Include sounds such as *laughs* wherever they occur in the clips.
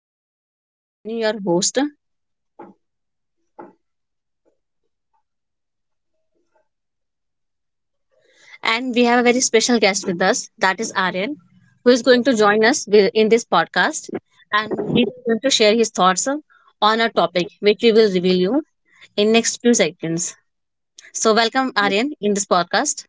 podcast. I'm Shivani, your host, and we have a very special guest with us that is Aryan, who is going to join us in this podcast. And he is going to share his thoughts on a topic which we will reveal you in next few seconds. So, welcome, Aryan, in this podcast.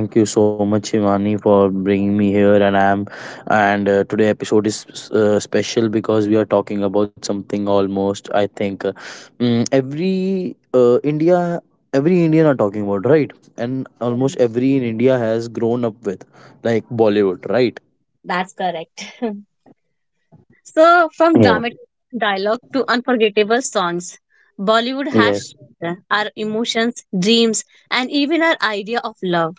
Thank you so much, Shivani, for bringing me here. And I'm and Today episode is special because we are talking about something almost. I think every India, every Indian are talking about, right, and Yeah, almost every in India has grown up with like Bollywood, right? that's correct. *laughs* So, from Yeah. dramatic dialogue to unforgettable songs, Bollywood has Yes. shaped our emotions, dreams, and even our idea of love.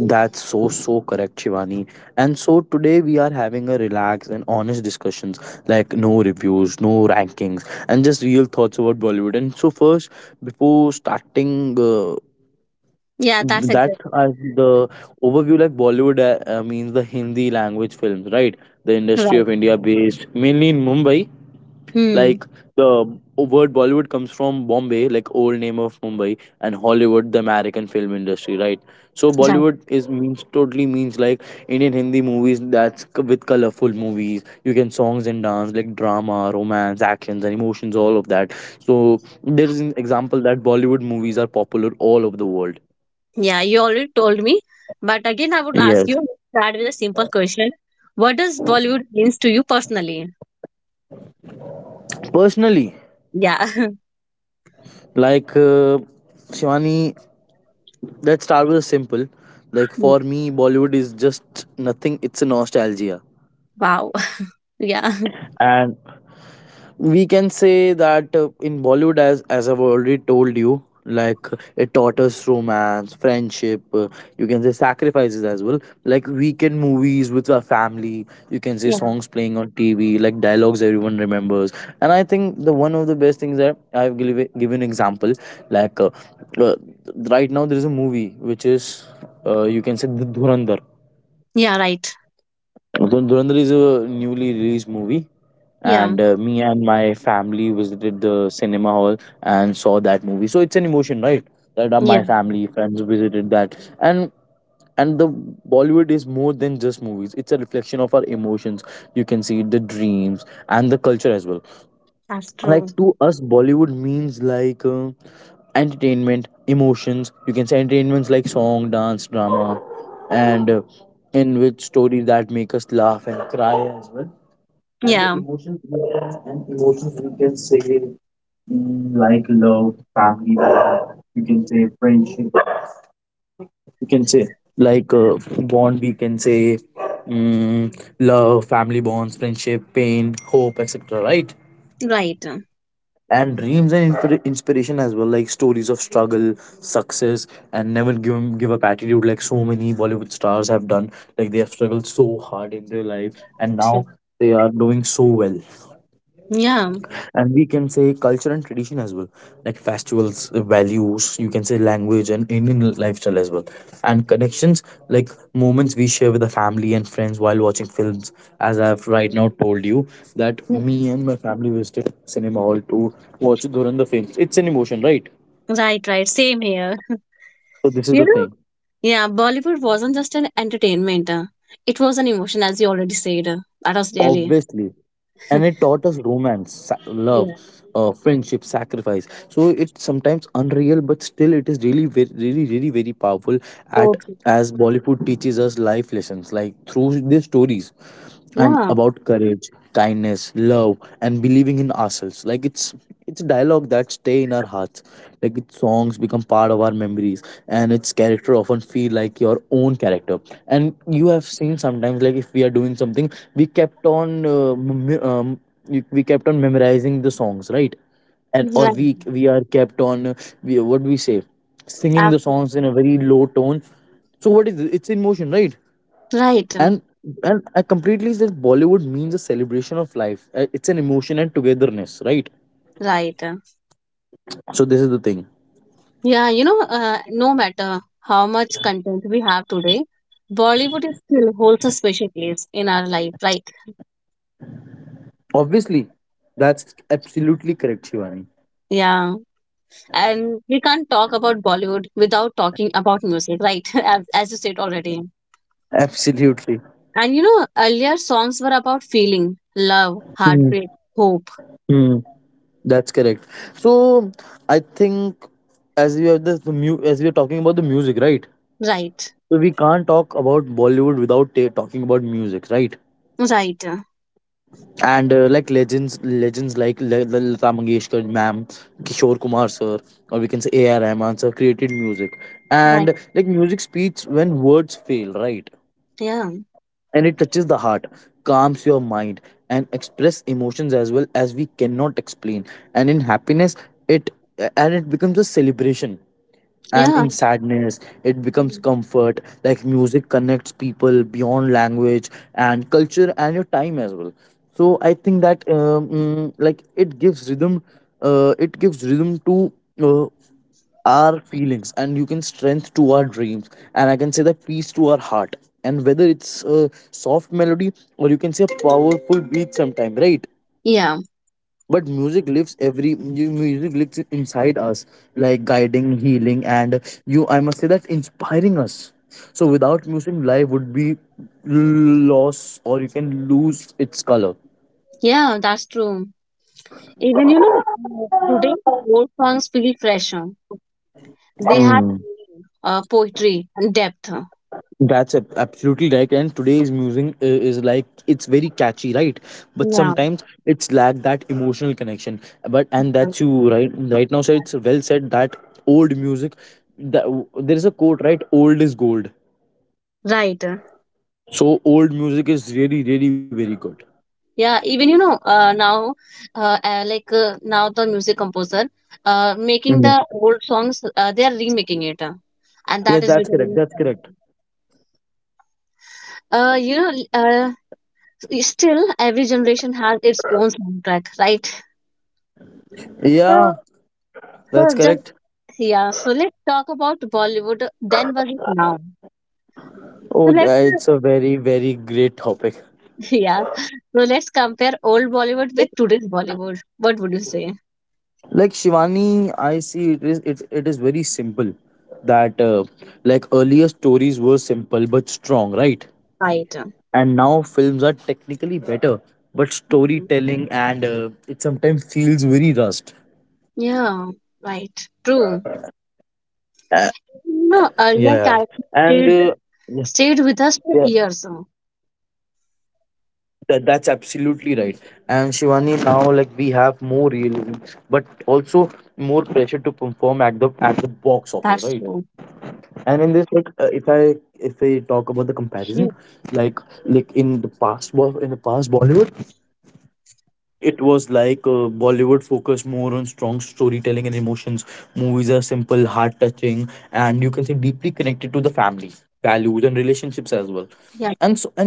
That's so correct, Shivani. And so today we are having a relaxed and honest discussions, like no reviews, no rankings, and just real thoughts about Bollywood. And so first, before starting Yeah, that's that, exactly. The overview like Bollywood means the Hindi language films, right? The industry Right. of India based mainly in Mumbai, Hmm. like the word Bollywood comes from Bombay, like old name of Mumbai, and Hollywood, the American film industry, right? So Right. Bollywood is means totally means like Indian Hindi movies that's with colorful movies. You can songs and dance, like drama, romance, actions, and emotions, all of that. So there is an example that Bollywood movies are popular all over the world. Yeah, you already told me. But again, I would ask you, Yes. let's start with a simple question. What does Bollywood means to you personally? Personally, Yeah. *laughs* like uh, Shivani, let's start with a simple. Like Hmm. for me, Bollywood is just nothing. It's a nostalgia. Wow. *laughs* Yeah. And we can say that in Bollywood, as I've already told you, like it taught us romance, friendship, you can say sacrifices as well, like weekend movies with our family, you can say Yeah. songs playing on TV, like dialogues everyone remembers. And I think the one of the best things that I've given example, like uh, uh, right now there is a movie which is, you can say, the Dhurandhar. Yeah, right. Dhurandhar is a newly released movie, Yeah. and me and my family visited the cinema hall and saw that movie. So it's an emotion, right? That Yeah. my family, friends visited that, and the Bollywood is more than just movies. It's a reflection of our emotions. You can see the dreams and the culture as well. That's true. Like to us Bollywood means entertainment, emotions, you can say entertainments like song, dance, drama, and in which stories that make us laugh and cry as well. And the Yeah. emotions we can, and emotions we can say, like love, family love, you can say friendship, you can say like bond, we can say, love, family bonds, friendship, pain, hope, etc., right? Right. And dreams and inspiration as well, like stories of struggle, success, and never give up attitude, like so many Bollywood stars have done. Like they have struggled so hard in their life and Yeah. now they are doing so well. Yeah. And we can say culture and tradition as well, like festivals, values, you can say language and Indian lifestyle as well, and connections, like moments we share with the family and friends while watching films. As I've right now told you that me and my family visited cinema hall to watch during the films, it's an emotion, right? Right, right. Same here. *laughs* So this is You the know? thing. Yeah, Bollywood wasn't just an entertainment. It was an emotion, as you already said. That was really. Obviously, and it taught us romance, love, Yeah. Friendship, sacrifice. So it's sometimes unreal, but still it is really very powerful So at true. as Bollywood teaches us life lessons, like through their stories and Yeah. about courage, kindness, love, and believing in ourselves. Like it's a dialogue that stay in our hearts. Like its songs become part of our memories, and its character often feel like your own character. And you have seen sometimes, like if we are doing something, we kept on we kept on memorizing the songs, right? And or Right. we are kept on we, what do we say, singing the songs in Absolutely. a very low tone. So what is it? It's in motion, right? Right, and and I completely says Bollywood means a celebration of life. It's an emotion and togetherness, right? right. So this is the thing. Yeah, you know, no matter how much content we have today, Bollywood is still holds a special place in our life, right? Obviously, that's absolutely correct, Shivani. Yeah, and we can't talk about Bollywood without talking about music, right? *laughs* As you said already. Absolutely. And you know, earlier songs were about feeling, love, Hmm. heartbreak, hope, Hmm. That's correct. So I think as we have this as we are talking about the music, right? right? So we can't talk about Bollywood without talking about music, right? Right, And like legends like Lata Mangeshkar ma'am, Kishore Kumar sir, or we can say A.R. Rahman sir created music. right. And like music speaks when words fail, right? Yeah, And it touches the heart, calms your mind, and express emotions as well as we cannot explain. And in happiness it and it becomes a celebration, and yeah, in sadness it becomes comfort. Like music connects people beyond language and culture and your time as well. So I think that like it gives rhythm, it gives rhythm to uh, our feelings, and you can strength to our dreams, and I can say that peace to our heart. And whether it's a soft melody or you can say a powerful beat sometime, right? yeah, But music lives, every music lives inside us, like guiding, healing, and you I must say that inspiring us. So without music life would be lost or you can lose its color. yeah, that's true. Even, you know, today, old songs feel fresher. They had Hmm. Poetry and depth. That's absolutely right. And today's music is like it's very catchy, right? But Yeah. sometimes it's lack that emotional connection. But and that's you right right now. So it's well said that old music. That, there is a quote, right? Old is gold. Right. So old music is really, really very good. Yeah, even you know, now, like now the music composer, making the Mhm. old songs, they are remaking it, and Yeah, that is that's correct. becoming That's correct. a trend. You know, still every generation has its own soundtrack, right? So, Yeah, so that's just correct. yeah. So let's talk about Bollywood. Then was it now? So Oh, let's it's a very, very great topic. yeah. So let's compare old Bollywood with today's Bollywood. What would you say? Like Shivani, I see it is it is very simple that like earlier stories were simple but strong, right? Right. And now films are technically better, but Mhm. storytelling and it sometimes feels very rushed. Yeah, right. True. Uh, No, yeah, earlier characters and stayed, yeah, stayed with us for yeah, years. That's absolutely right. And Shivani, now like we have more realism, but also more pressure to perform at the box That's office, true. right? And in this, if I, if we talk about the Yeah. comparison, like like in the past in the past Bollywood, it was Bollywood focused more on strong storytelling and emotions. Movies are simple, heart touching, and you can say deeply connected to the family, values, and Yeah. relationships as well.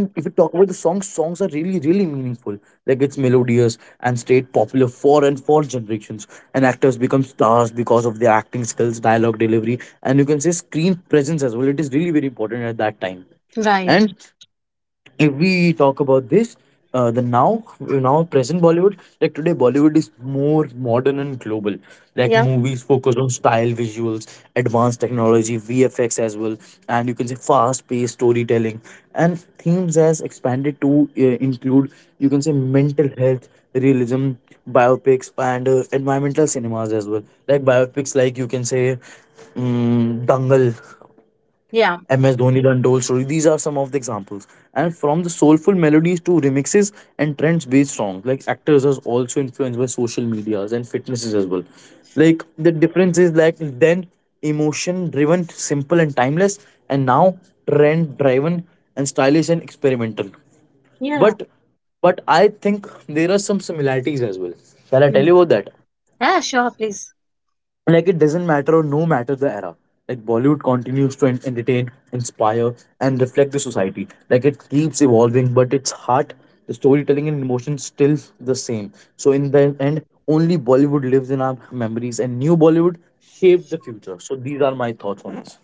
And so, and if you talk about the songs, songs are really, really meaningful. Like it's melodious and stayed popular for and for generations. And actors become stars because of their acting skills, dialogue delivery, and you can say screen presence as well. It is really very important at that time. Right. And if we talk about this, the now present Bollywood, like today Bollywood is more modern and global. Like Yeah. movies focus on style, visuals, advanced technology, VFX as well, and you can say fast paced storytelling, and themes as expanded to include, you can say, mental health, realism, biopics, and environmental cinemas as well. Like biopics like you can say, Dangal, Yeah. MS Dhoni, The Untold Story. These are some of the examples. And from the soulful melodies to remixes and trends based songs, like actors are also influenced by social medias and fitnesses as well. Like the difference is like then emotion driven, simple and timeless, and now trend driven and stylish and experimental. Yeah. But but I think there are some similarities as well. Shall I tell Mm. you about that? Yeah, sure, please. Like it doesn't matter or no matter the era, like Bollywood continues to entertain, inspire, and reflect the society. Like it keeps evolving, but its heart, the storytelling and emotion still the same. So in the end, only Bollywood lives in our memories and new Bollywood shaped the future. So these are my thoughts on this.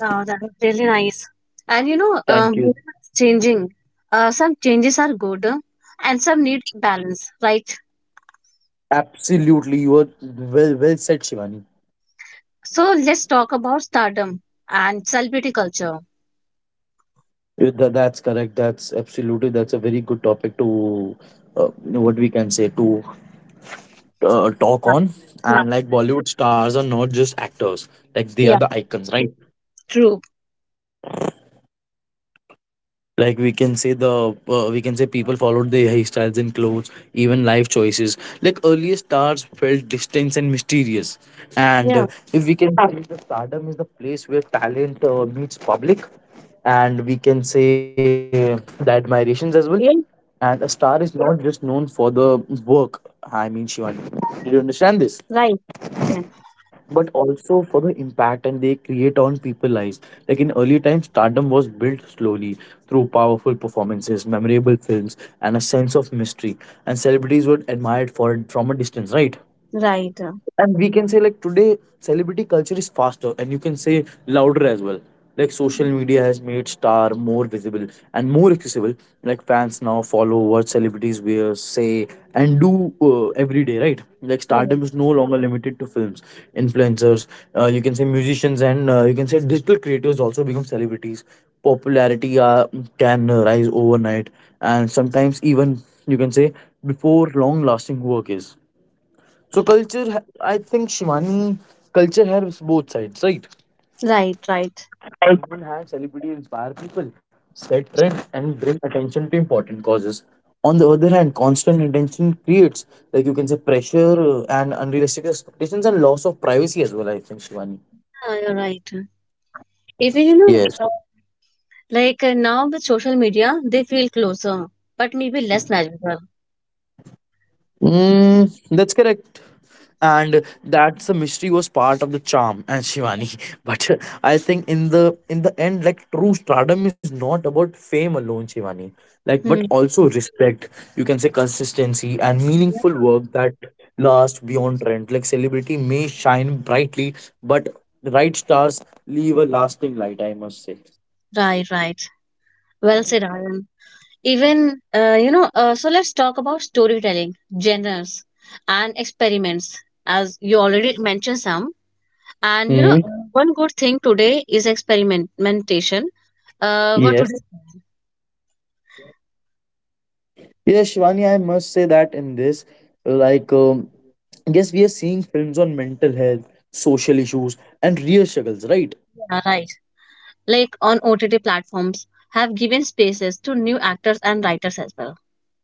That was really nice. And you know, Thank you. it's changing. Some changes are good and some need balance, right? Absolutely. You are, well said, Shivani. So let's talk about stardom and celebrity culture. Yeah, that's correct, that's absolutely, that's a very good topic to, you know, what we can say to talk Yeah, on. hmm. And like Bollywood stars are not just actors, like they are Yeah, the icons, right? true. Like we can say the we can say people followed their hairstyles and clothes, even life choices. Like earlier stars felt distant and mysterious, and Yeah, if we can say the stardom is the place where talent meets public, and we can say the admirations as well. yeah, And a star is not just known for the work. I mean, Shivani, did you understand this? right, yeah, But also for the impact and they create on people's lives. Like in earlier times, stardom was built slowly through powerful performances, memorable films, and a sense of mystery. And celebrities were admired for it from a distance, right? right, And we can say like today celebrity culture is faster and you can say louder as well. Like social media has made star more visible and more accessible. Like fans now follow what celebrities wear, say, and do every day, right? Like right, stardom is no longer limited to films. Influencers, you can say musicians and you can say digital creators also become celebrities. Popularity can rise overnight and sometimes even, you can say, before long lasting work is. So culture, I think Shivani, culture helps both sides, right? right, right. On one hand, celebrities inspire people, set trends, and bring attention to important causes. On the other hand, constant attention creates, like you can say, pressure and unrealistic expectations and loss of privacy as well. I think Shivani. Yeah, you're right. Even you know, Yes. Like now with social media, they feel closer, but maybe less natural. Mm, that's correct. And that's the mystery was part of the charm and Shivani. *laughs* But I think in the end, like true stardom is not about fame alone, Shivani. Like, but Hmm. also respect. You can say consistency and Yeah, meaningful work that lasts beyond trend. Like celebrity may shine brightly, but the right stars leave a lasting light. I must say. right, right. Well said, Aaron. Even you know, so let's talk about storytelling, genres, and experiments, as you already mentioned some. And you know, Mm, one good thing today is experimentation. What would you. yes. Yes, Shivani, I must say that in this, like, yes, we are seeing films on mental health, social issues, and real struggles, right? Yeah, right. Like on OTT platforms have given spaces to new actors and writers as well.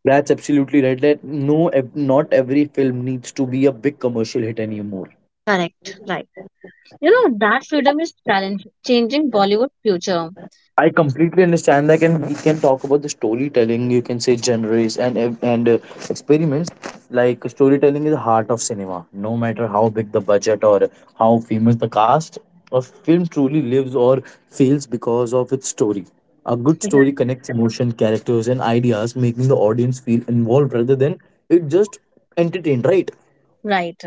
That's absolutely right. That no, not every film needs to be a big commercial hit anymore. Correct, right. You know, that freedom is challenge changing Bollywood future. I completely understand that, and we can talk about the storytelling. You can say genres and and uh, experiments. Like storytelling is the heart of cinema. No matter how big the budget or how famous the cast, a film truly lives or fails because of its story. A good Yeah. story connects emotion, characters, and ideas, making the audience feel involved rather than it just entertained. Right? Right.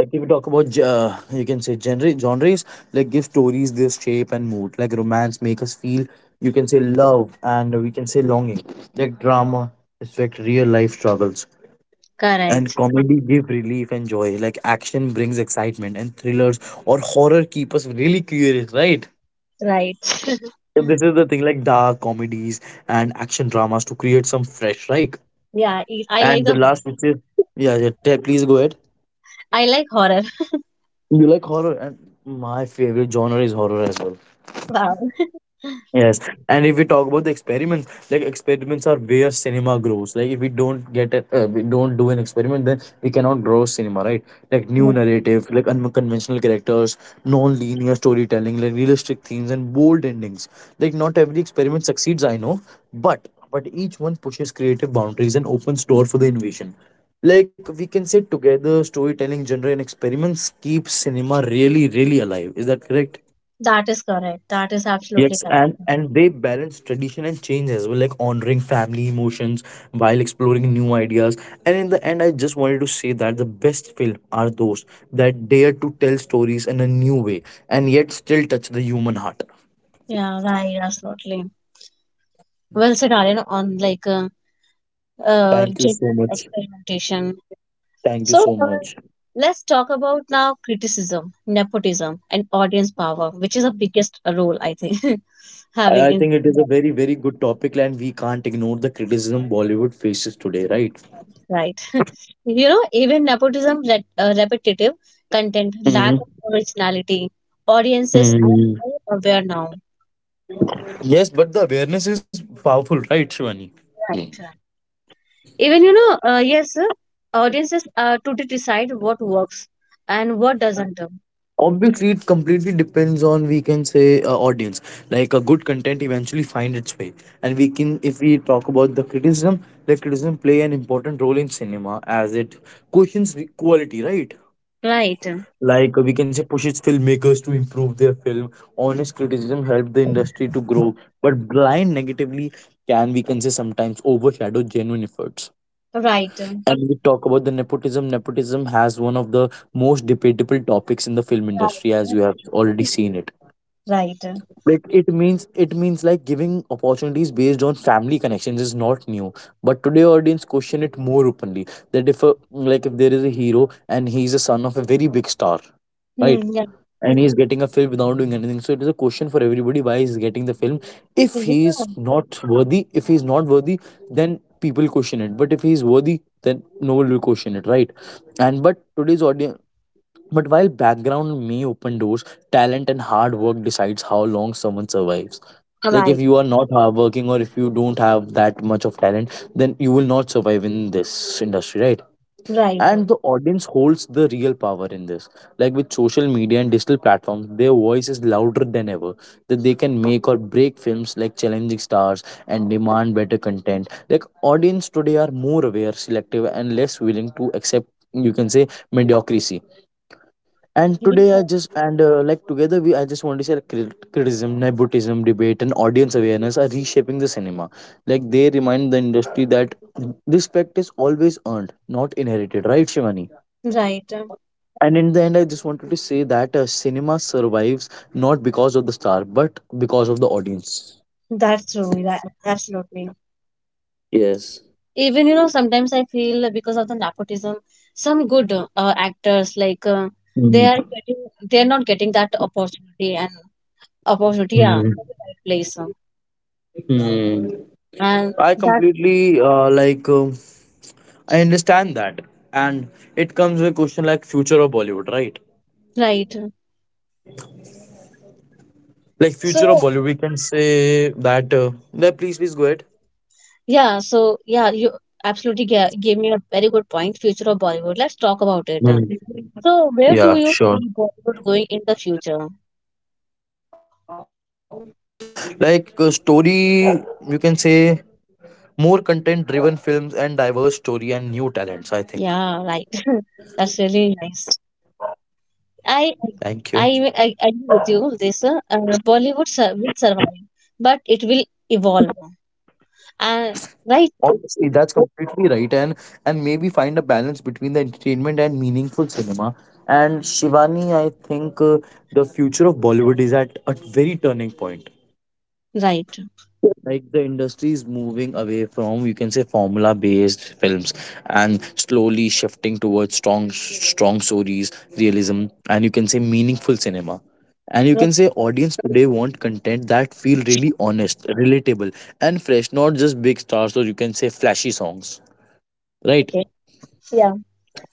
Like if you talk about you can say genres, like give stories their shape and mood. Like romance make us feel, you can say, love and we can say longing. Like drama reflect real life struggles, and Correct. comedy give relief and joy. Like action brings excitement, and thrillers or horror keep us really curious, right? So Right. this is the thing, like dark comedies and action dramas to create some fresh, right? *laughs* Yeah, I like And the the. last which is, yeah, yeah, please go ahead. I like horror. *laughs* You like horror, and my favorite genre is horror as well. Wow. Yes, and if we talk about the experiments, like experiments are where cinema grows. Like if we don't get, a, we don't do an experiment, then we cannot grow cinema, right? Like new Yeah, narrative, like unconventional characters, non-linear storytelling, like realistic themes and bold endings. Like not every experiment succeeds, I know, but each one pushes creative boundaries and opens door for the innovation. Like we can say together, storytelling, genre, and experiments keep cinema really, really alive. Is that correct? that is correct. That is absolutely Yes, correct. And they balance tradition and change as well, like honoring family emotions while exploring new ideas. And in the end, I just wanted to say that the best film are those that dare to tell stories in a new way and yet still touch the human heart. Yeah, right, absolutely. Well said, Aryan, on like Thank you gender so much. experimentation. Thank you So, so much. let's talk about now criticism, nepotism, and audience power, which is the biggest role I think *laughs* I, having I in think it is a very, very good topic, and we can't ignore the criticism Bollywood faces today, right? right. *laughs* You know, even nepotism, repetitive content, lack Hmm. of originality, audiences are Hmm. more aware now. Yes, but the awareness is powerful, right, Shivani? Right, right. Even you know, yes, audiences to decide what works and what doesn't. Obviously it completely depends on, we can say, audience. Like a good content eventually find its way. And we can, if we talk about the criticism, the criticism play an important role in cinema as it questions quality, right? Right. Like we can say pushes filmmakers to improve their film. Honest criticism help the industry to grow, but blind negatively can, we can say, sometimes overshadow genuine efforts. Right. Right. *laughs* And we talk about the nepotism. Nepotism has one of the most debatable topics in the film industry, as you have already seen it. Right. Like it means, it means, like giving opportunities based on family connections is not new, but today audience question it more openly. That if a, like if there is a hero and he's a son of a very big star, right, Hmm, yeah. and he's getting a film without doing anything, so it is a question for everybody why he's getting the film. If Yeah. he's not worthy, then people question it. But if he's worthy, then no one will question it, right? And but today's audience, but while background may open doors, talent and hard work decides how long someone survives. Like if Right. you are not hardworking or if you don't have that much of talent, then you will not survive in this industry, right? Right. And the audience holds the real power in this. Like with social media and digital platforms, their voice is louder than ever. That they can make or break films, like challenging stars and demand better content. Like audience today are more aware, selective, and less willing to accept, you can say, mediocrity. And Yeah, today I just and like together we, I just want to say, like, criticism, nepotism, debate, and audience awareness are reshaping the cinema. Like they remind the industry that respect is always earned, not inherited, right, Shivani? right. And in the end, I just wanted to say that cinema survives not because of the star, but because of the audience. That's true. That, absolutely. Yes. Even, you know, sometimes I feel because of the nepotism, some good actors like they are Mm, getting, they're not getting that opportunity and opportunity, yeah, in the mm, right place. Mm. And I that's completely like I understand that, and it comes with a question, like future of Bollywood, right? right. Like So, future of Bollywood, we can say that. No, please, please go ahead. yeah, so yeah, you absolutely gave me a very good point, future of Bollywood. Let's talk about it. Hmm. So, where do Yeah, you sure. see Bollywood going in the future? Like story, you can say, more content-driven films and diverse story and new talents. I think. Yeah, right. *laughs* That's really nice. I Thank you. I agree with you, this Bollywood will survive, but it will evolve. Uh, right, Honestly, that's completely right, and maybe find a balance between the entertainment and meaningful cinema. And Shivani, I think the future of Bollywood is at a very turning point. right, Like the industry is moving away from, you can say, formula based films, and slowly shifting towards strong stories, realism, and you can say meaningful cinema. And you can right. say audience today want content that feel really honest, relatable, and fresh, not just big stars or you can say flashy songs, right? Okay, yeah.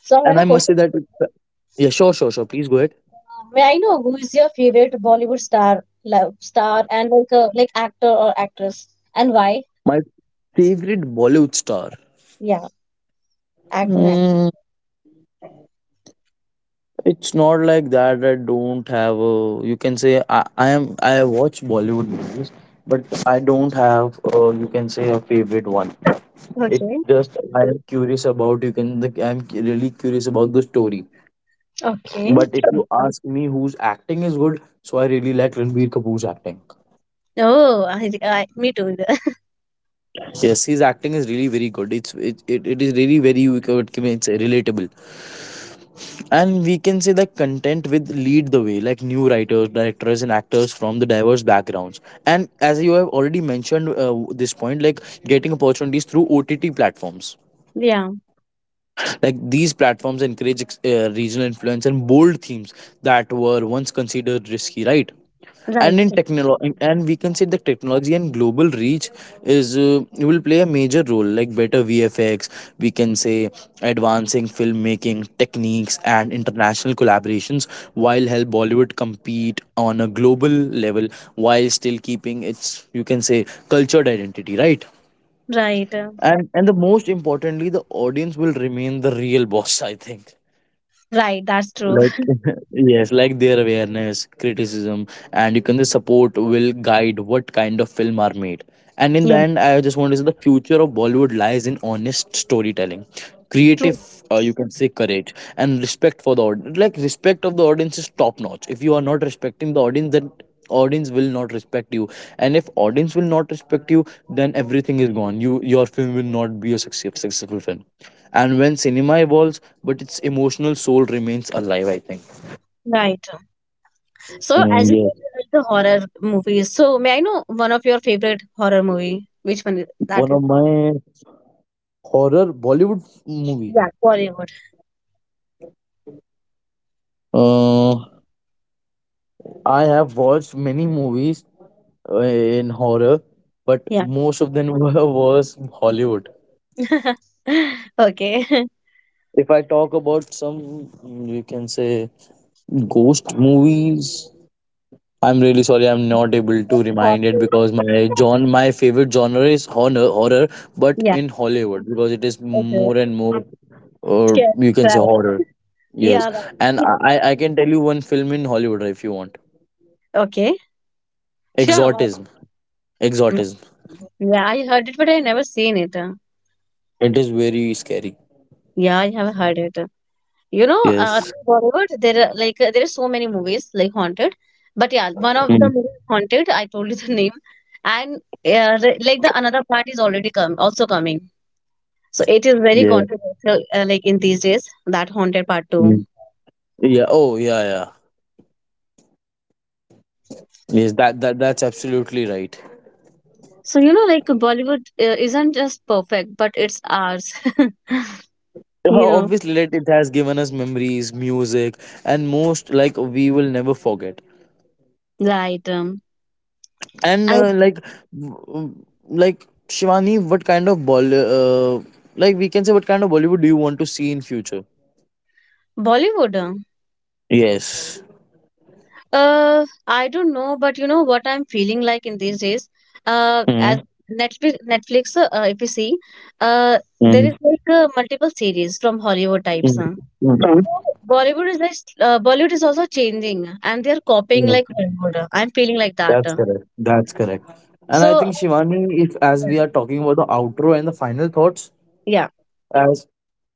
So I And have I a must question. say that, yeah, sure, sure, sure, please go ahead. May I know who is your favorite Bollywood star, love star, and like actor or actress, and why? My favorite Bollywood star. Yeah, actor and It's not like that. I don't have a. You can say I am. I watch Bollywood movies, but I don't have. A, you can say a favorite one. actress. It Okay, just I am curious about. You can. Like, I'm really curious about the story. okay. But if you ask me whose acting is good, so I really like Ranbir Kapoor's acting. Oh, I me too. *laughs* Yes, his acting is really very good. It's it is really very you can, what can I say, relatable. And we can say that content with lead the way, like new writers, directors, and actors from the diverse backgrounds. And as you have already mentioned this point, like getting opportunities through OTT platforms. Yeah, Like these platforms encourage regional influence and bold themes that were once considered risky, right? And right, in technology, and we can say the technology and global reach is will play a major role. Like better VFX, we can say, advancing filmmaking techniques and international collaborations while help Bollywood compete on a global level, while still keeping its you can say cultured identity, right? right, And the most importantly, the audience will remain the real boss, *laughs* I think. right. That's true. Like *laughs* yes, like their awareness, criticism, and you can the support will guide what kind of film are made. And in the Yeah, end, I just want to say the future of Bollywood lies in honest storytelling, creative, true. You can say, courage, and respect for the audience. Like respect of the audience is top notch. If you are not respecting the audience, then audience will not respect you. And if audience will not respect you, then everything is gone. You your film will not be a success, successful film. And when cinema evolves but its emotional soul remains alive, I think. Right. So, Mm, as you said, yes. you like the horror movies. So, may I know one of your favorite horror movie? Which one is that One is? of my horror Bollywood movie. Yeah, Bollywood. uh, I have watched many movies in horror, but Yeah. most of them *laughs* were was Hollywood. *laughs* Okay. If I talk about some, mm, you can say, ghost movies, I'm really sorry I'm not able to remind it, because *laughs* my john my favorite genre is horror. But Yeah. in Hollywood, because it is Okay. more and more, or Scary. you can say horror. Right. Yes, Yeah. and Right. I can tell you one film in Hollywood if you want. Okay. Sure. *laughs* Why Exorcism, not? Mm. exorcism. Yeah, I heard it, but I never seen it. It is very scary. Yeah, I have heard it. You know, Yes. Bollywood, there are like there are so many movies like Haunted, but yeah, one of the Mm. movies Haunted, I told you *laughs* the name, and like the another part is already come also coming. So it is very Yeah. controversial like in these days that Haunted Part Two. Mm. Yeah. Oh yeah, yeah. Yes, that that's absolutely right. So you know, like Bollywood isn't just perfect, but it's ours. *laughs* You know, obviously, like, it has given us memories, music, and most like we will never forget. right? And I like, like Shivani, what kind of Bolly, like we can say, what kind of Bollywood do you want to see in future? Bollywood. Yes. I don't know, but you know what I'm feeling like in these days. As Netflix, if you see, uh, there is Mm, like multiple series from Hollywood types. mm, Huh? mm, So, Bollywood is like, Bollywood is also changing, and they are copying like mm. Hollywood. I'm feeling like that. That's correct. That's correct. And I So, think Shivani, if as we are talking about the outro and the final thoughts, yeah, as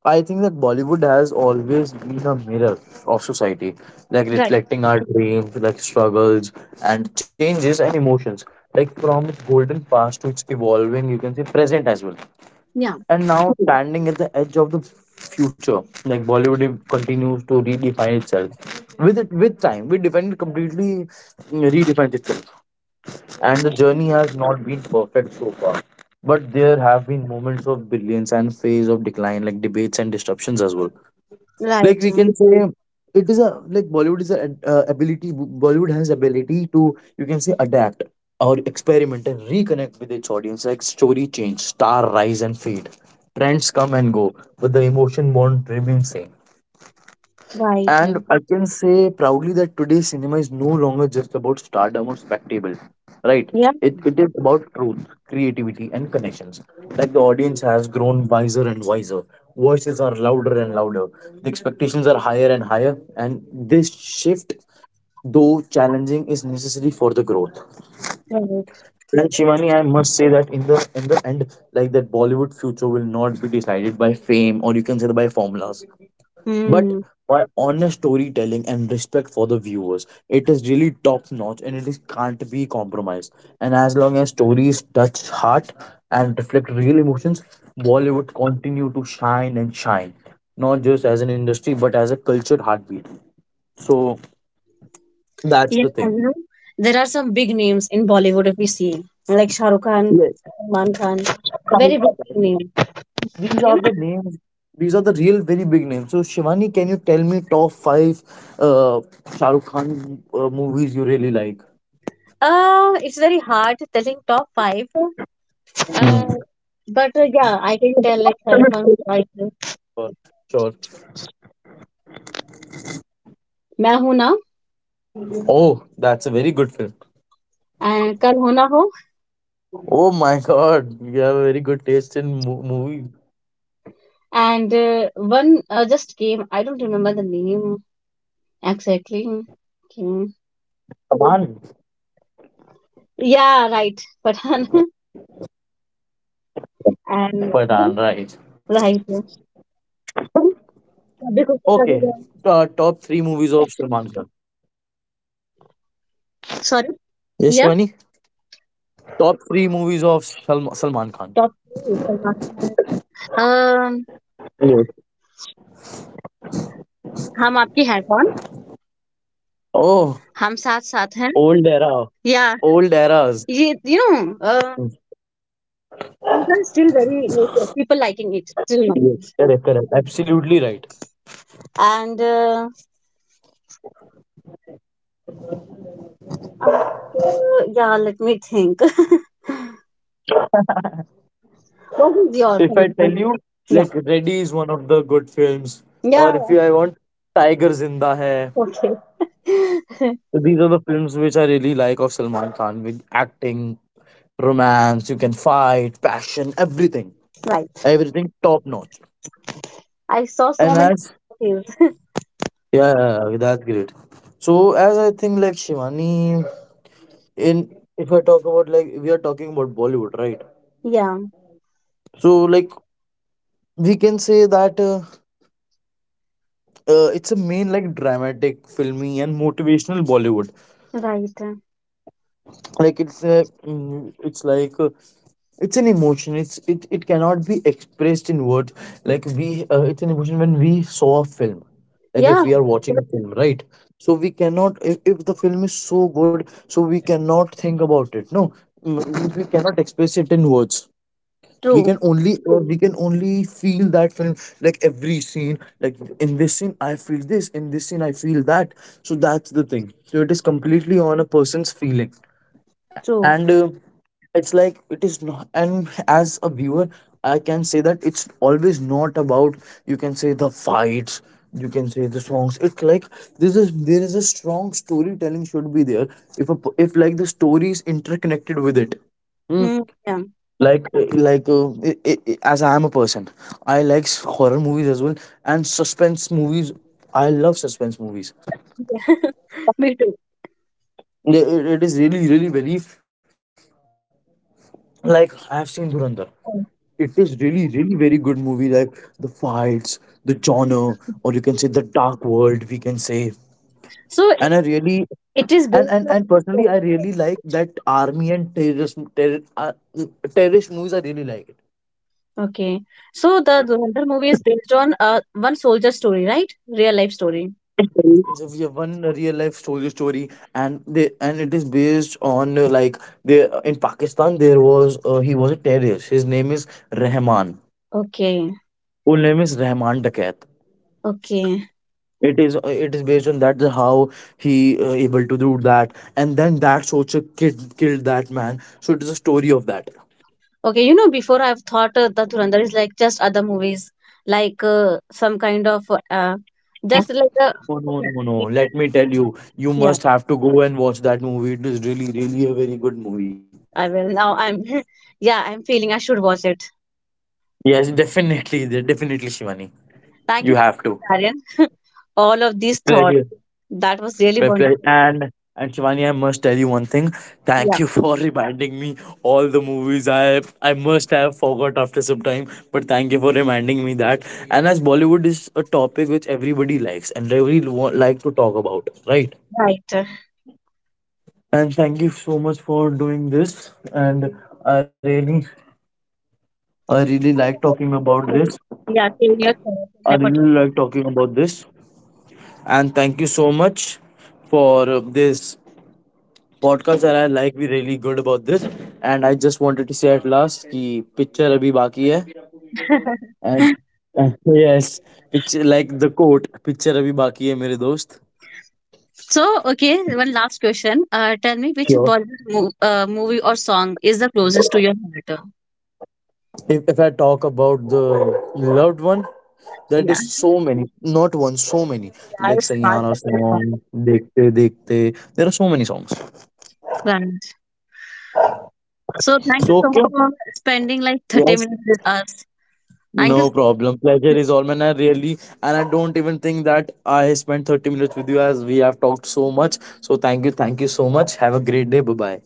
I think that Bollywood has always been a mirror of society, like right, reflecting our dreams, like struggles and changes and emotions, like from its golden past to its evolving, you can say, present as well. yeah, And now, standing at the edge of the future, like Bollywood continues to redefine itself with time. We defined completely, itself. And the journey has not been perfect so far, but there have been moments of brilliance and phase of decline, like debates and disruptions as well. right, Like we can say, it is a like bollywood is a ability Bollywood has ability to, you can say, adapt or experiment and reconnect with its audience. Like story change, star rise and fade, trends come and go, but the emotion won't remain same. right, And I can say proudly that today's cinema is no longer just about stardom or spectacle, right? yeah, It is about truth, creativity, and connections. Like the audience has grown wiser and wiser. Voices are louder and louder. The expectations are higher and higher. And this shift, though challenging, is necessary for the growth. right. And Shivani, I must say that in the end, like, that Bollywood future will not be decided by fame or, you can say, by formulas, but Hmm. by honest storytelling and respect for the viewers. It is really top notch and it is can't be compromised. And as long as stories touch heart and reflect real emotions, Bollywood continue to shine and shine, not just as an industry but as a cultured heartbeat. So that's Yeah, the thing. you know, there are some big names in Bollywood if we see, like Shah Rukh Khan, Yes, Salman Khan, very big name. these are You know, the names these are the real very big names. So Shivani, can you tell me top 5 Shahrukh Khan movies you really like? It's very hard telling top five, Hmm. uh, but yeah, I can tell like Shah Rukh Khan, *laughs* like Sure. Sure. "मैं हूं ना" Oh, that's a very good film. and "कल हो ना हो" Oh my god, you have a very good taste in movies. and one just came. I don't remember the name exactly. Okay. Salman. Yeah, right, but *laughs* Pathan, right. and right. Okay. Because Top three movies of Salman Khan. sorry. Yes, Shivani? Yeah, Top three movies of Salman Khan. Top three Salman Khan uh, Yes. हम आपके हैं कौन, Oh, हम साथ साथ हैं old era. या Old eras. ये you know people still very like, people liking it still now Yes, correct, correct. Absolutely right. and uh, and yeah let me think. *laughs* What is your If I tell commitment? you, like, Ready is one of the good films, Yeah, or if yeah, you, I want Tiger Zinda Hai. okay. These are the films which I really like of Salman Khan, with acting, romance, you can fight, passion, everything. *laughs* Right. Everything top notch. I saw so And many as, movies. yeah, yeah, yeah, that's great. So as I think, like, Shivani, in, if I talk about, like, we are talking about Bollywood, right? Yeah, So like we can say that it's a main, like, dramatic, filmy and motivational Bollywood. right, Like it's a, mm, it's like It's an emotion. It cannot be expressed in words. Like we it's an emotion. When we saw a film, like, if yeah, we are watching a film, right, so we cannot, if the film is so good, so we cannot think about it, no. Mm, we cannot express it in words. True, We can only feel that film. Like, every scene, like, in this scene I feel this, in this scene I feel that. So that's the thing. So it is completely on a person's feeling. And true. It's like, it is not, and as a viewer, I can say that it's always not about, you can say, the fights, you can say, the songs. It's like, this is, there is a strong storytelling should be there. If a, if, like, the story is interconnected with it. Hmm. Hmm, yeah. Like, as I am a person, I like horror movies as well, and suspense movies. I love suspense movies. *laughs* Me too. It is really, really very, like, I have seen Durandar. It is really, really very good movie. Like the fights, the genre, or you can say the dark world, we can say. So And I really, it is and and based and personally, on. I really like that army and terrorist movies. I really like it. Okay. So the Dhurandhar movie is based on one soldier story, right? Real life story. So we have one real life soldier story, and they, and it is based on, like, there in Pakistan there was, he was a terrorist. His name is Rahman. Okay. Full name is Rahman Dakat. Okay. It is, it is based on that, the how he, able to do that, and then that Socha kid killed that man. So it is a story of that. Okay. You know, before I've thought the Dhurandhar is like just other movies, like some kind of uh, just like a. No, no, no, *laughs* no, Yeah. let me tell you, you Yeah, must have to go and watch that movie. It is really really a very good movie. I will now. I'm *laughs* yeah. I'm feeling I should watch it. Yes, definitely, definitely, Shivani, you Thank you have so to. much, Aryan. *laughs* All of these thoughts. Pleasure. That was really Fair. wonderful. And and Shivani, I must tell you one thing. Thank Yeah. you for *laughs* reminding me all the movies I must have forgot after some time. But thank you for reminding me that. And as Bollywood is a topic which everybody likes and really like to talk about, right? Right. And thank you so much for doing this. And I really, I really like talking about *laughs* this. Yeah. Sharing your thoughts I and really like talking about this. And thank you so much for this podcast are I like be really good about this and I just wanted to say at last कि picture अभी बाकी है and opportunities. *laughs* Yes picture like the quote picture *laughs* अभी बाकी है मेरे दोस्त. So, okay, one last question. Tell me which Sure. Bollywood mo movie or song is the closest to your heart? If I talk about the loved one, that Yeah, is so many, not one, so many. yeah, Like it's hard Sayana to say one. song, Dekte Dekte. There are so many songs. Right. So, thank you So, so okay. much for spending like 30 Yes, minutes with us. Thank you. So, no problem. Pleasure is all mine. I really, and I don't even think that I spent 30 minutes with you as we have talked so much. So thank you. Thank you so much. Have a great day. Bye bye.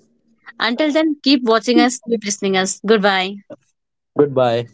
until then, keep watching us, keep listening us. Goodbye. Goodbye.